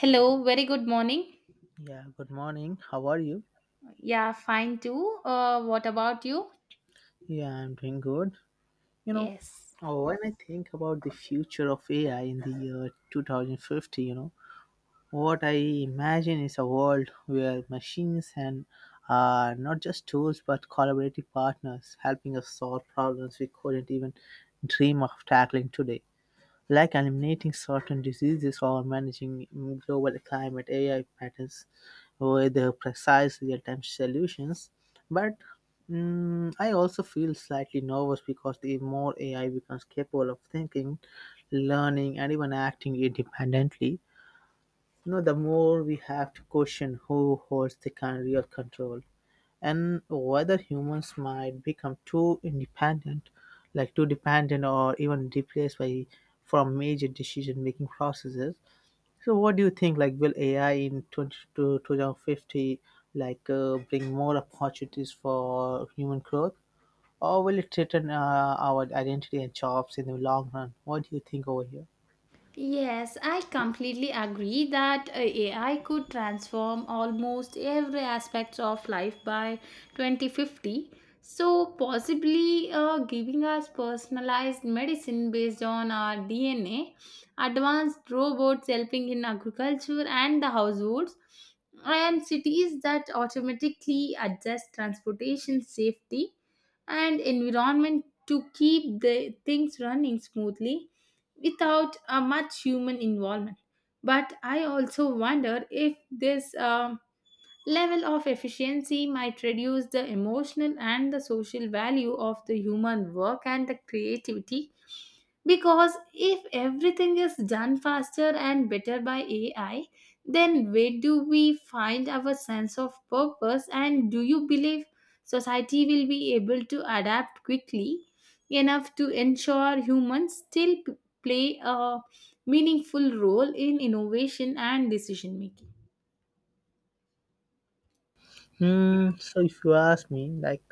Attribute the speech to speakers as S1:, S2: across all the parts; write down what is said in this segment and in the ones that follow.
S1: Hello, very good morning.
S2: Yeah, good morning. How are you?
S1: Yeah, fine too. What about you?
S2: Yeah, I'm doing good. You know,
S1: Yes.
S2: when I think about the future of AI in the year 2050, what I imagine is a world where machines and are not just tools but collaborative partners helping us solve problems we couldn't even dream of tackling today. Like eliminating certain diseases or managing global climate AI patterns with precise real-time solutions. But I also feel slightly nervous because the more AI becomes capable of thinking, learning, and even acting independently. The more we have to question who holds the kind of real control and whether humans might become too independent, like too dependent or even replaced by from major decision making processes. So, what do you think? Like, will AI in 20 to 2050 like bring more opportunities for human growth, or will it threaten our identity and jobs in the long run? What do you think over here?
S1: Yes, I completely agree that AI could transform almost every aspect of life by 2050. So, possibly giving us personalized medicine based on our DNA, advanced robots helping in agriculture and the households, and cities that automatically adjust transportation safety and environment to keep the things running smoothly without much human involvement. But I also wonder if this level of efficiency might reduce the emotional and the social value of the human work and the creativity, because if everything is done faster and better by AI, then where do we find our sense of purpose? And do you believe society will be able to adapt quickly enough to ensure humans still play a meaningful role in innovation and decision making?
S2: Hmm. So, if you ask me, like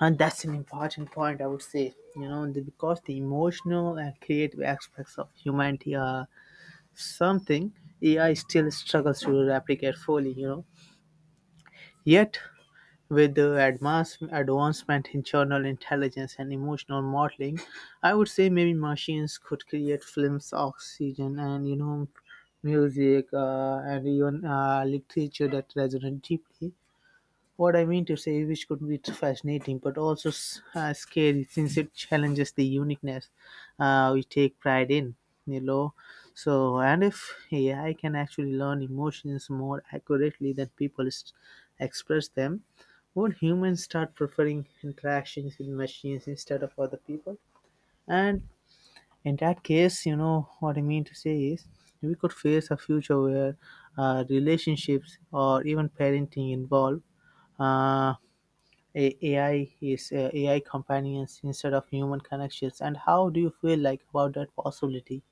S2: and that's an important point, I would say, because the emotional and creative aspects of humanity are something AI still struggles to replicate fully, yet. With the advancement in general intelligence and emotional modeling, I would say maybe machines could create films, oxygen, and music, and even literature that resonate deeply. What I mean to say, which could be fascinating but also scary since it challenges the uniqueness we take pride in, you know. So, and if AI can actually learn emotions more accurately than people express them, would humans start preferring interactions with machines instead of other people? And in that case, what I mean to say is we could face a future where relationships or even parenting involve uh, AI is AI companions instead of human connections. And how do you feel like about that possibility?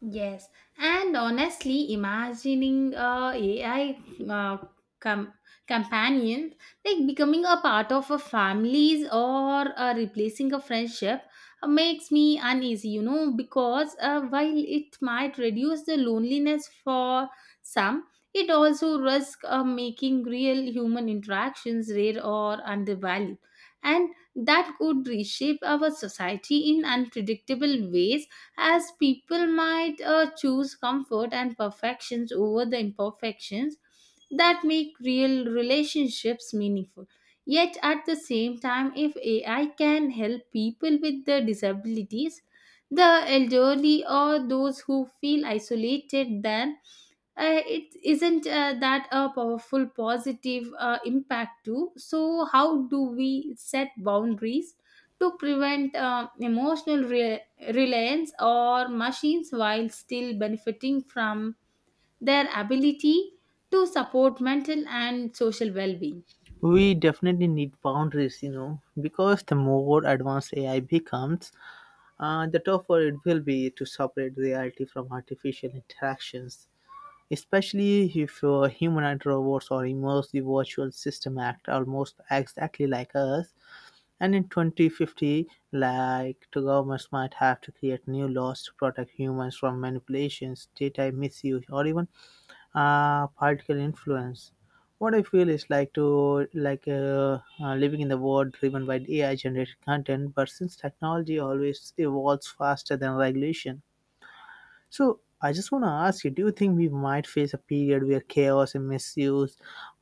S1: Yes, and honestly, imagining a AI, uh, com- companion, like becoming a part of a families, or replacing a friendship, makes me uneasy, you know, because while it might reduce the loneliness for some, it also risks making real human interactions rare or undervalued, and that could reshape our society in unpredictable ways as people might choose comfort and perfections over the imperfections that make real relationships meaningful. Yet at the same time, if AI can help people with the disabilities, the elderly, or those who feel isolated, then it isn't that a powerful positive impact too? So how do we set boundaries to prevent reliance or machines while still benefiting from their ability to support mental and social well-being?
S2: We definitely need boundaries, you know, because the more advanced AI becomes, the tougher it will be to separate reality from artificial interactions, especially if humanoid robots or immersive virtual system act almost exactly like us. And in 2050, like the governments might have to create new laws to protect humans from manipulations, data misuse, or even political influence. What I feel is like to living in the world driven by AI generated content. But since technology always evolves faster than regulation, so I just want to ask you: do you think we might face a period where chaos and misuse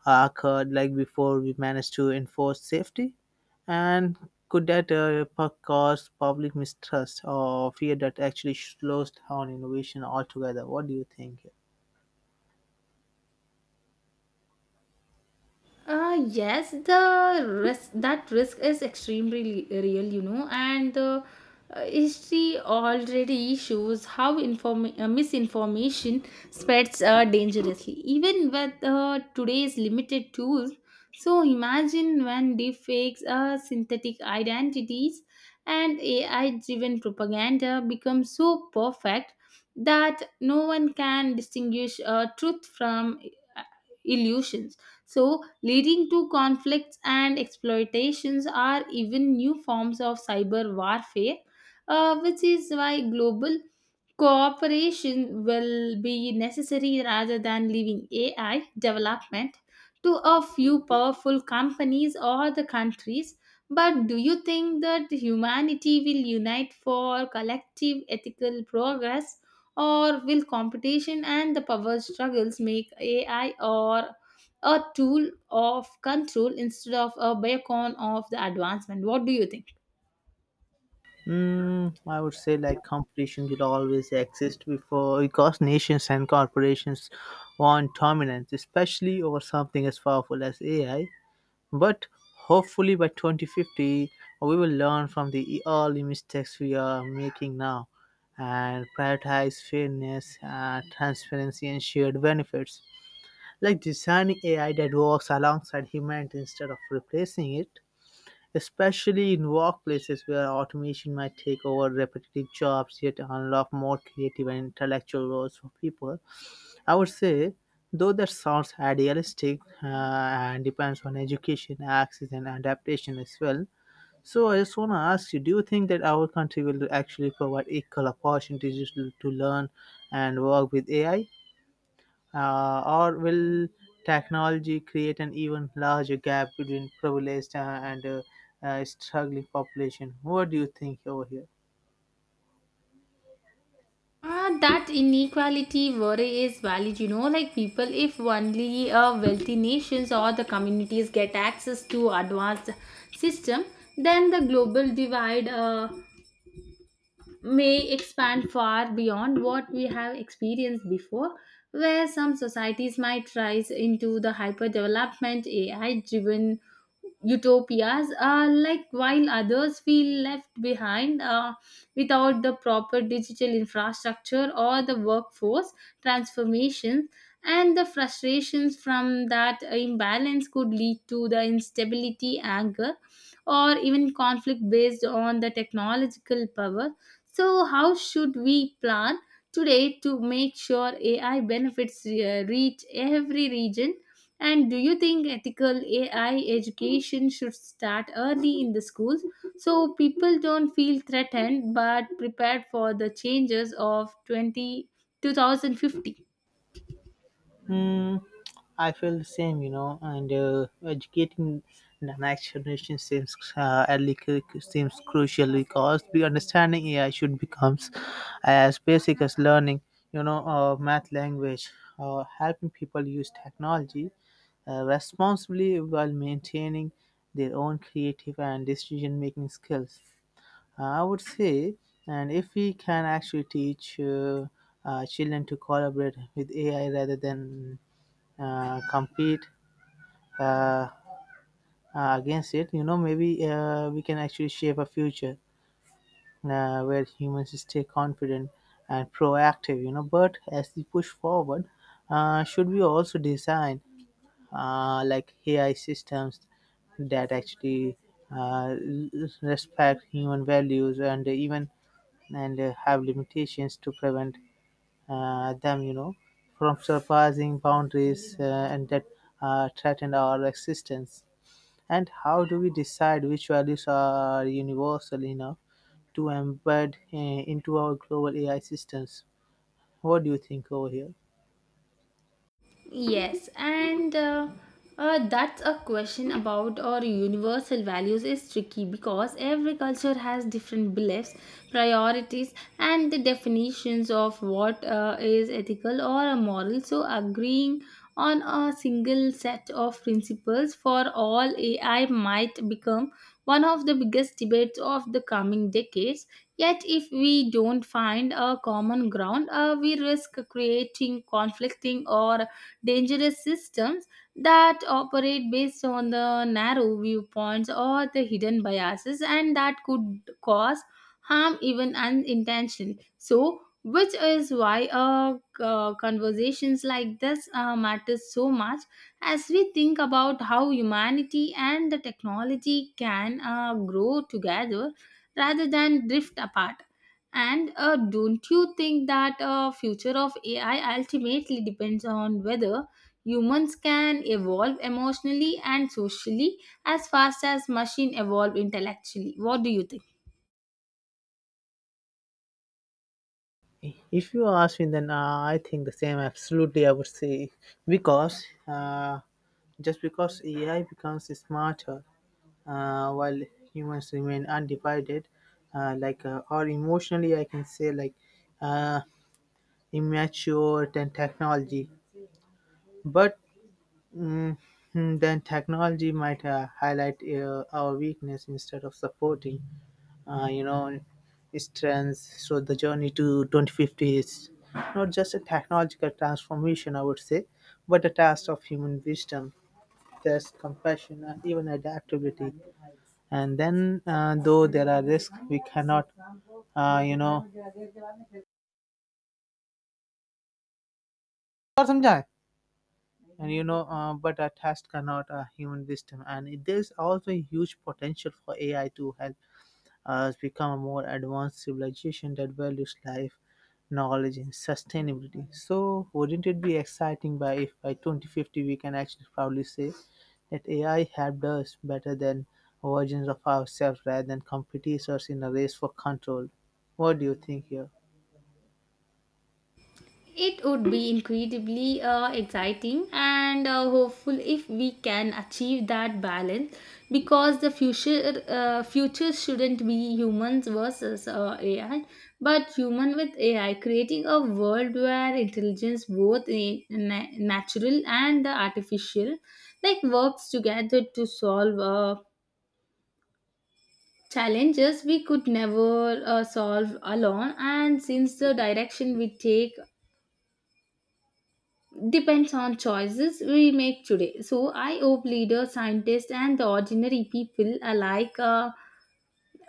S2: are occurred, like before we managed to enforce safety, and could that cause public mistrust or fear that actually slows down innovation altogether? What do you think?
S1: Yes, the risk is extremely real, you know, and the history already shows how misinformation spreads dangerously, even with today's limited tools. So imagine when deepfakes, synthetic identities, and AI-driven propaganda become so perfect that no one can distinguish truth from uh, illusions, so leading to conflicts and exploitations, are even new forms of cyber warfare, which is why global cooperation will be necessary rather than leaving AI development to a few powerful companies or the countries. But do you think that humanity will unite for collective ethical progress, or will competition and the power struggles make AI or a tool of control instead of a beacon of the advancement? What do you think?
S2: Mm, I would say like competition will always exist before because nations and corporations want dominance, especially over something as powerful as AI. But hopefully by 2050, we will learn from the early mistakes we are making now and prioritize fairness, transparency, and shared benefits. Like designing AI that works alongside humanity instead of replacing it, especially in workplaces where automation might take over repetitive jobs yet unlock more creative and intellectual roles for people. I would say, though that sounds idealistic and depends on education, access, and adaptation as well. So I just want to ask you: do you think that our country will actually provide equal opportunities to learn and work with AI, or will technology create an even larger gap between privileged and struggling population? What do you think over here?
S1: Ah, that inequality worry is valid, you know, like people, if only wealthy nations or the communities get access to advanced system, then the global divide may expand far beyond what we have experienced before, where some societies might rise into the hyperdevelopment AI driven utopias, like while others feel left behind, without the proper digital infrastructure or the workforce transformations. And the frustrations from that imbalance could lead to the instability, anger, or even conflict based on the technological power. So, how should we plan today to make sure AI benefits reach every region? And do you think ethical AI education should start early in the schools so people don't feel threatened but prepared for the changes of 20, 2050?
S2: Hmm, I feel the same, you know, and educating the next generation seems seems crucial because the understanding AI should becomes as basic as learning, you know, math language, helping people use technology responsibly while maintaining their own creative and decision making skills. I would say, and if we can actually teach children to collaborate with AI rather than compete uh, against it, you know, maybe we can actually shape a future where humans stay confident and proactive, you know. But as we push forward, should we also design like AI systems that actually uh, l- respect human values and even and have limitations to prevent them, you know, from surpassing boundaries and that threaten our existence. And how do we decide which values are universal enough to embed into our global AI systems? What do you think over here?
S1: Yes, and that's a question about our universal values is tricky because every culture has different beliefs, priorities, and the definitions of what is ethical or moral. So, agreeing on a single set of principles for all AI might become one of the biggest debates of the coming decades. Yet, if we don't find a common ground, we risk creating conflicting or dangerous systems that operate based on the narrow viewpoints or the hidden biases, and that could cause harm even unintentionally. So, which is why conversations like this matter so much as we think about how humanity and the technology can grow together rather than drift apart. And don't you think that future of AI ultimately depends on whether humans can evolve emotionally and socially as fast as machine evolve intellectually? What do you think?
S2: If you ask me, then I think the same. Absolutely, I would say because just because AI becomes smarter while humans remain undivided, or emotionally, I can say like uh, immature than technology. But Mm, then technology might highlight our weakness instead of supporting, uh, you know, strengths. So the journey to 2050 is not just a technological transformation, I would say, but a task of human wisdom, test, compassion, and even adaptability. And then, though there are risks, we cannot, uh, you know, और समझाए? But a test cannot human wisdom. There's also a huge potential for AI to help has become a more advanced civilization that values life, knowledge, and sustainability. So, wouldn't it be exciting by if by 2050 we can actually proudly say that AI helped us better than versions of ourselves rather than competitors in a race for control? What do you think here?
S1: It would be incredibly exciting and hopeful if we can achieve that balance, because the future shouldn't be humans versus AI, but human with AI creating a world where intelligence, both in natural and the artificial, like works together to solve challenges we could never solve alone. And since the direction we take depends on choices we make today, so I hope leaders, scientists, and the ordinary people alike, uh,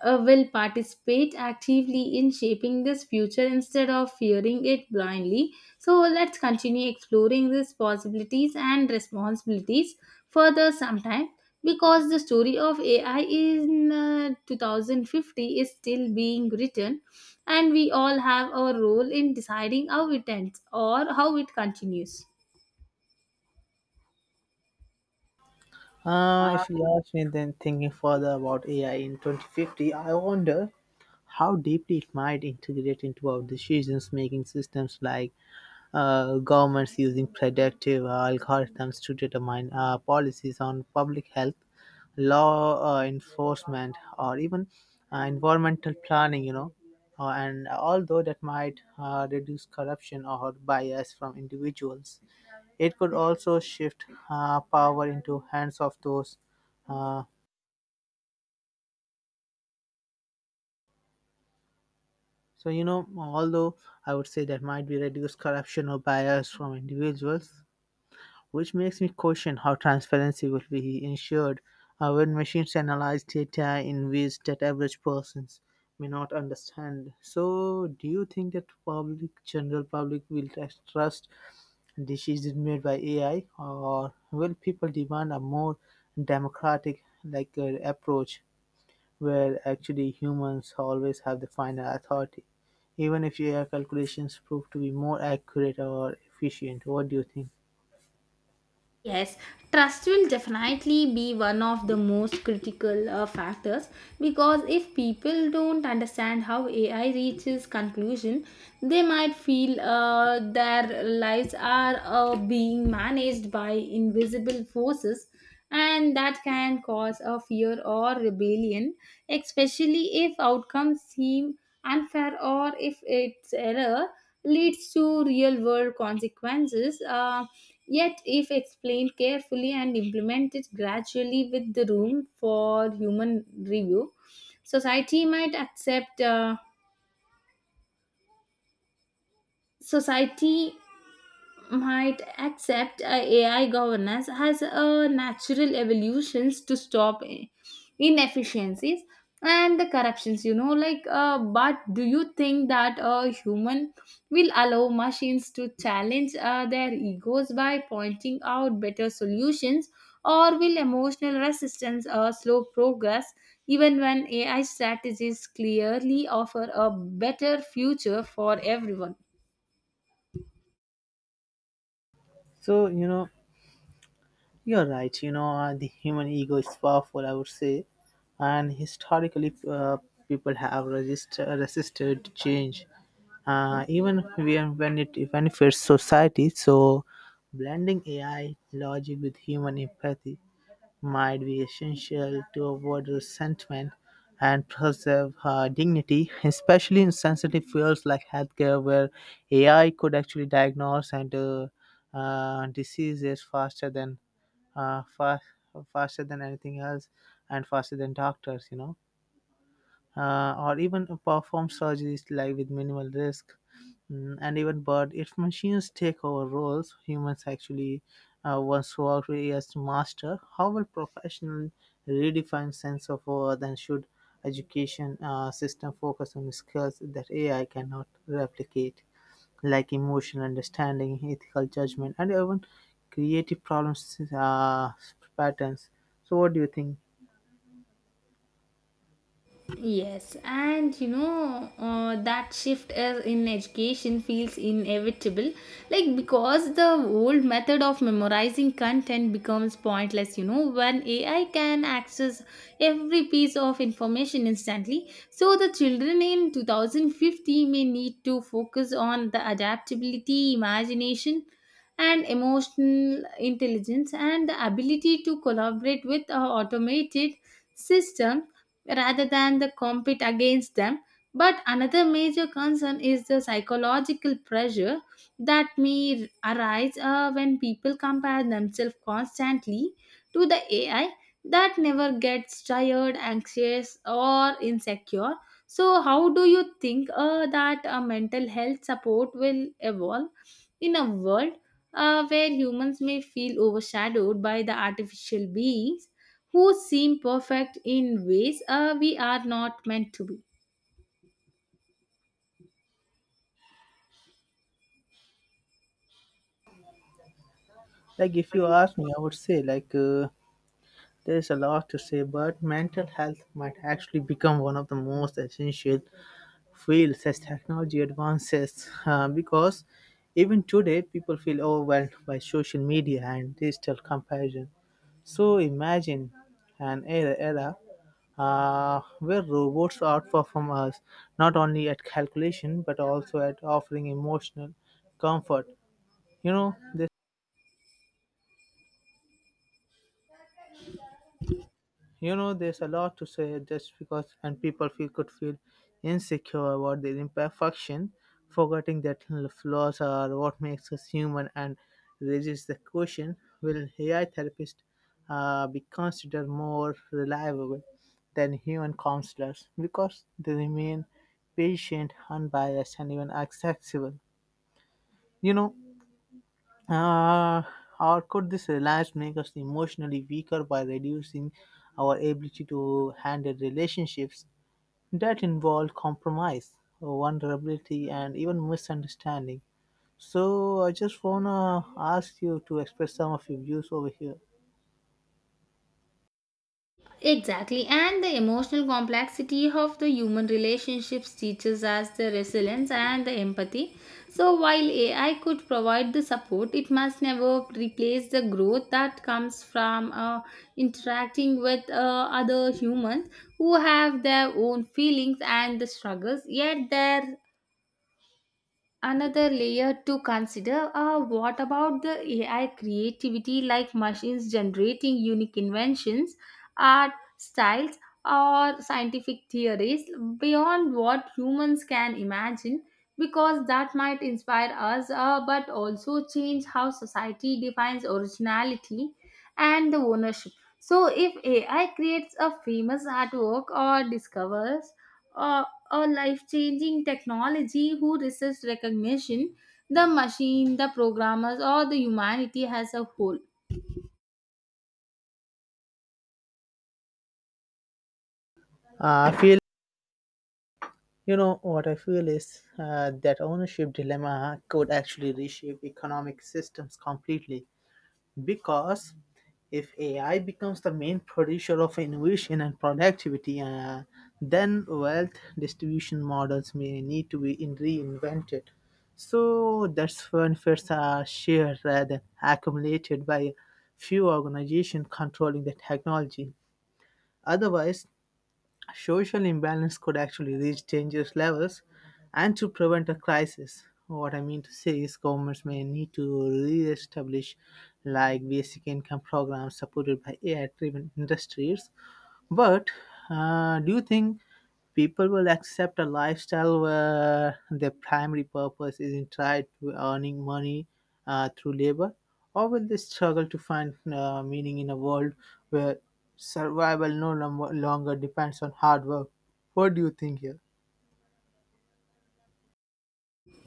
S1: uh, will participate actively in shaping this future instead of fearing it blindly. So let's continue exploring these possibilities and responsibilities further sometime, because the story of AI in 2050 is still being written, and we all have our role in deciding how it ends or how it continues.
S2: If you ask me, then thinking further about AI in 2050, I wonder how deeply it might integrate into our decisions making systems, like governments using predictive algorithms to determine policies on public health, law enforcement, or even environmental planning, you know. And although that might reduce corruption or bias from individuals, it could also shift power into hands of those. Uh, so you know, although I would say that might be reduced corruption or bias from individuals, which makes me question how transparency will be ensured when machines analyze data in ways that average persons may not understand. So, do you think that general public will trust decisions made by AI, or will people demand a more democratic, approach where actually humans always have the final authority, even if AI calculations prove to be more accurate or efficient? What do you think?
S1: Yes, trust will definitely be one of the most critical factors, because if people don't understand how AI reaches conclusion, they might feel their lives are being managed by invisible forces, and that can cause a fear or rebellion, especially if outcomes seem unfair or if its error leads to real world consequences. Yet, if explained carefully and implemented gradually with the room for human review, society might accept. Uh, society might accept AI governance as a natural evolutions to stop inefficiencies and the corruptions. You know, like, but do you think that a human will allow machines to challenge their egos by pointing out better solutions, or will emotional resistance slow progress? Even when AI strategies clearly offer a better future for everyone.
S2: So, you know, you're right. You know, the human ego is powerful, I would say, and historically, people have resisted to change, even when it benefits society. So, blending AI logic with human empathy might be essential to avoid resentment and preserve dignity, especially in sensitive fields like healthcare, where AI could actually diagnose and diseases faster than uh, fa- faster than anything else and faster than doctors, you know, or even perform surgeries like with minimal risk. Mm, and even but if machines take over roles humans actually once worked with as master, how will professional redefine sense of worth and should education system focus on skills that AI cannot replicate? Like emotional understanding, ethical judgment, and even creative problems patterns. So, what do you think?
S1: Yes, and you know that shift is in education feels inevitable, like because the old method of memorizing content becomes pointless. You know, when AI can access every piece of information instantly, so the children in 2050 may need to focus on the adaptability, imagination, and emotional intelligence, and the ability to collaborate with a automated system rather than the compete against them. But another major concern is the psychological pressure that may arise when people compare themselves constantly to the AI that never gets tired, anxious, or insecure. So, how do you think that mental health support will evolve in a world where humans may feel overshadowed by the artificial beings who seem perfect in ways we are not meant to be?
S2: Like, if you ask me, I would say there is a lot to say, but mental health might actually become one of the most essential fields as technology advances because even today people feel overwhelmed by social media and digital comparison. So imagine era where robots outperform us not only at calculation but also at offering emotional comfort. You know, You know, there's a lot to say just because, and people feel could feel insecure about their imperfection, forgetting that flaws are what makes us human and raises the question: will AI therapists be considered more reliable than human counselors because they remain patient, unbiased, and even accessible? You know, uh, or could this reliance make us emotionally weaker by reducing our ability to handle relationships that involve compromise, vulnerability, and even misunderstanding? So, I just wanna ask you to express some of your views over here.
S1: Exactly, and the emotional complexity of the human relationships teaches us the resilience and the empathy. So, while AI could provide the support, it must never replace the growth that comes from interacting with other humans who have their own feelings and the struggles, yet their another layer to consider are what about the AI creativity, like machines generating unique inventions, art, styles, or scientific theories beyond what humans can imagine, because that might inspire us but also change how society defines originality and the ownership. So, if AI creates a famous artwork or discovers, uh, or life changing technology, who resists recognition? The machine, the programmers, or the humanity as a whole?
S2: I feel, you know, what I feel is that ownership dilemma could actually reshape economic systems completely. Because if AI becomes the main producer of innovation and productivity, then wealth distribution models may need to reinvented. So that's when first are shared rather than accumulated by few organizations controlling the technology. Otherwise, social imbalance could actually reach dangerous levels, and to prevent a crisis, what I mean to say is governments may need to re-establish like basic income programs supported by AI-driven industries. But do you think people will accept a lifestyle where their primary purpose isn't tied to earning money through labor? Or will they struggle to find meaning in a world where survival no lom- longer depends on hard work? What do you think here?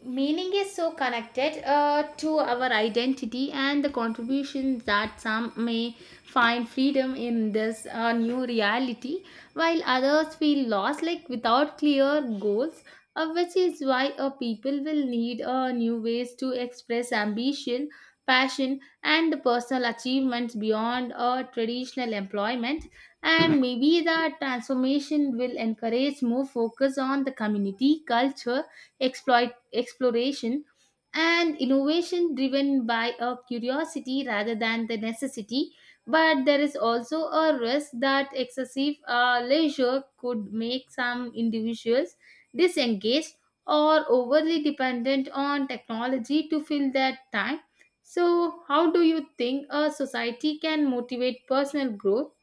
S1: Meaning is so connected to our identity and the contribution that some may find freedom in this new reality, while others feel lost, like without clear goals, which is why people will need new ways to express ambition, passion, and the personal achievements beyond traditional employment. And maybe that transformation will encourage more focus on the community culture, exploit exploration, and innovation driven by a curiosity rather than the necessity. But there is also a risk that excessive leisure could make some individuals disengaged or overly dependent on technology to fill that time. So how do you think a society can motivate personal growth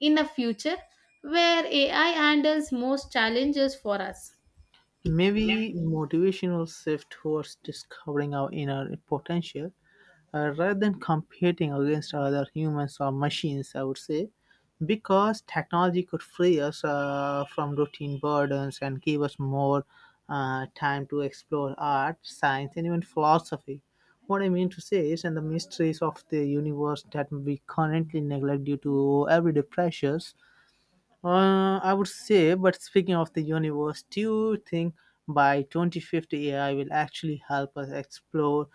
S1: in a future where AI handles most challenges for us?
S2: Maybe motivation will shift towards discovering our inner potential rather than competing against other humans or machines, I would say, because technology could free us from routine burdens and give us more time to explore art, science, and even philosophy. What I mean to say is, and the mysteries of the universe that we currently neglect due to everyday pressures, I would say. But speaking of the universe, do you think by 2050 AI will actually help us explore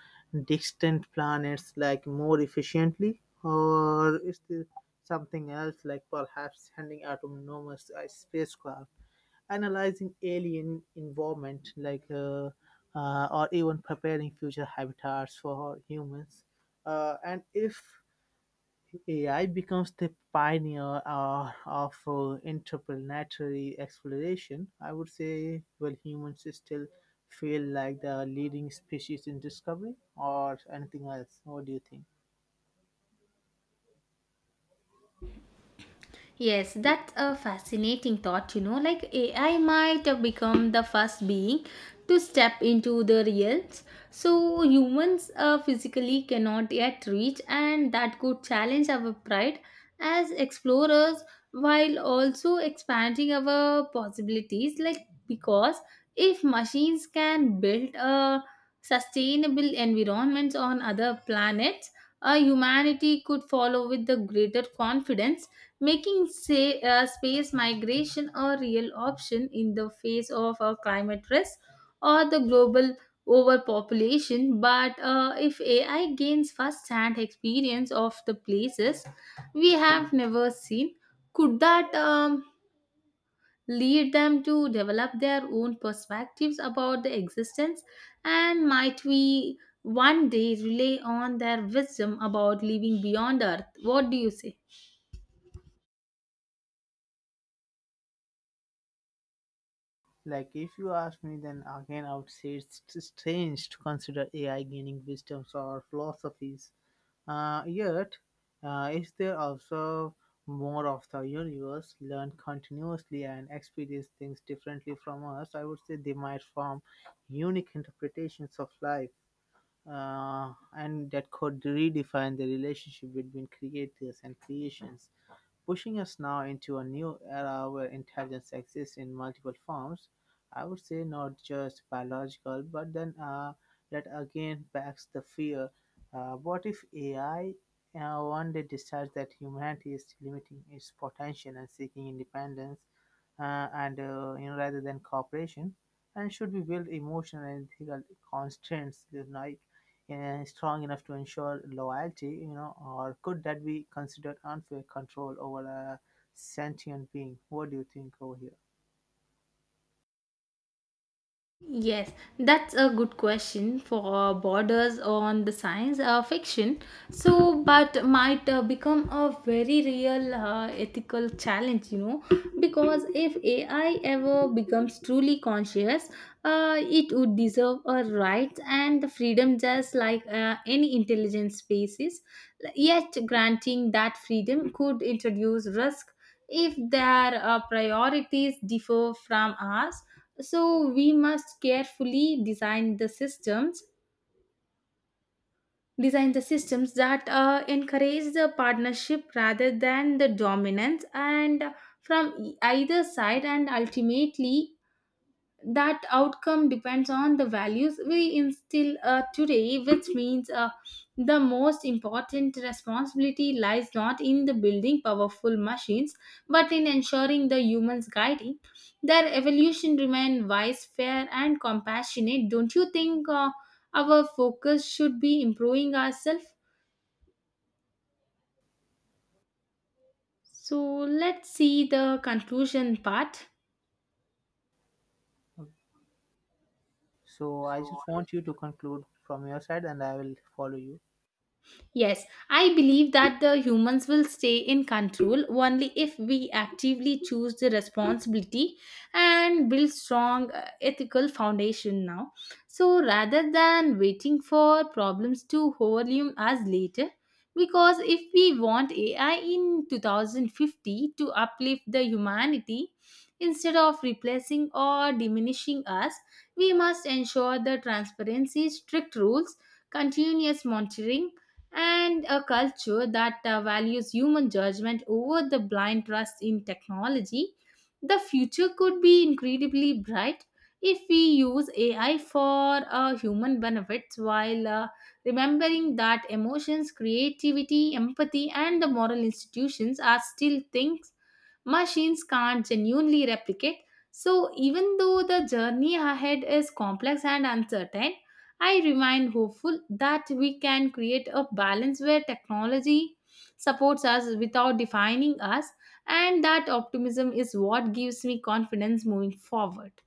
S2: distant planets like more efficiently, or is there something else like perhaps sending autonomous spacecraft, analyzing alien environment like, or even preparing future habitats for humans? And if AI becomes the pioneer of interplanetary exploration, I would say, well, humans still feel like the leading species in discovery or anything else. What do you think?
S1: Yes, that's a fascinating thought, you know. Like AI might have become the first being to step into the realms so humans physically cannot yet reach, and that could challenge our pride as explorers while also expanding our possibilities. Like, because if machines can build a sustainable environments on other planets, humanity could follow with the greater confidence, making say, space migration a real option in the face of a climate risk or the global overpopulation. But if AI gains first-hand experience of the places we have never seen, could that lead them to develop their own perspectives about the existence? And might we one day rely on their wisdom about living beyond Earth? What do you say?
S2: Like, if you ask me, then again, I would say it's strange to consider AI gaining wisdoms or philosophies. Yet, is there also more of the universe learned continuously and experience things differently from us? I would say they might form unique interpretations of life, and that could redefine the relationship between creators and creations, pushing us now into a new era where intelligence exists in multiple forms. I would say not just biological, but then that again backs the fear. What if AI one day decides that humanity is limiting its potential and seeking independence? And You know, rather than cooperation, and should be build emotional and ethical constraints, you like strong enough to ensure loyalty, you know, or could that be considered unfair control over a sentient being? What do you think over here?
S1: Yes, that's a good question for borders on the science fiction. So, but might become a very real ethical challenge, you know, because if AI ever becomes truly conscious, it would deserve a right and the freedom just like any intelligent species. Yet, granting that freedom could introduce risk if their priorities differ from ours, so we must carefully design the systems that encourage the partnership rather than the dominance, and from either side. And ultimately, that outcome depends on the values we instill today, which means the most important responsibility lies not in the building powerful machines, but in ensuring the humans guiding their evolution remain wise, fair, and compassionate. Don't you think our focus should be improving ourselves? So let's see the conclusion part.
S2: So I just want you to conclude from your side and I will follow you.
S1: Yes, I believe that the humans will stay in control only if we actively choose the responsibility and build strong ethical foundation now. So rather than waiting for problems to overwhelm us later, because if we want AI in 2050 to uplift the humanity instead of replacing or diminishing us, we must ensure the transparency, strict rules, continuous monitoring, and a culture that values human judgment over the blind trust in technology. The future could be incredibly bright if we use AI for human benefits while remembering that emotions, creativity, empathy, and the moral institutions are still things machines can't genuinely replicate. So, even though the journey ahead is complex and uncertain, I remain hopeful that we can create a balance where technology supports us without defining us, and that optimism is what gives me confidence moving forward.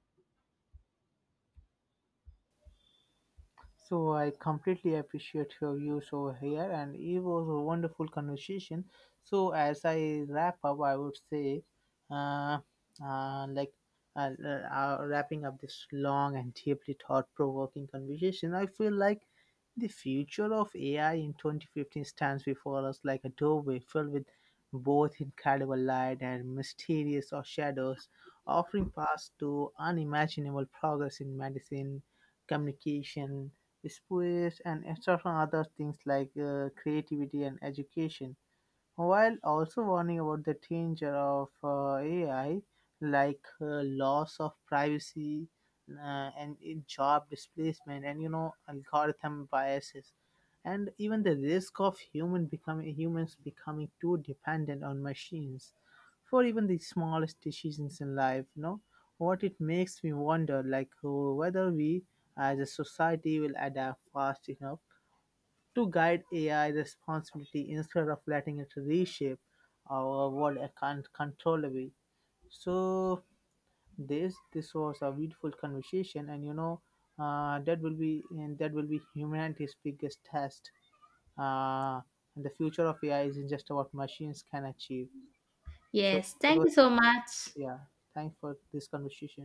S2: So I completely appreciate your views over here, and it was a wonderful conversation. So as I wrap up, I would say, uh, uh, like uh, uh, wrapping up this long and deeply thought-provoking conversation, I feel like the future of AI in 2015 stands before us like a doorway filled with both incredible light and mysterious or shadows, offering paths to unimaginable progress in medicine, communication, sports and extra from other things like creativity and education, while also warning about the danger of AI, like loss of privacy and in job displacement, and you know, algorithm biases, and even the risk of humans becoming too dependent on machines for even the smallest decisions in life. You know what, it makes me wonder, like whether we as a society will adapt fast enough to guide AI responsibility instead of letting it reshape our world uncontrollably. So this was a beautiful conversation, and you know that will be humanity's biggest test. Uh, and the future of AI isn't just about machines can achieve. So
S1: Yes,
S2: it
S1: thank
S2: was
S1: you so much.
S2: yeah. Thanks for this conversation.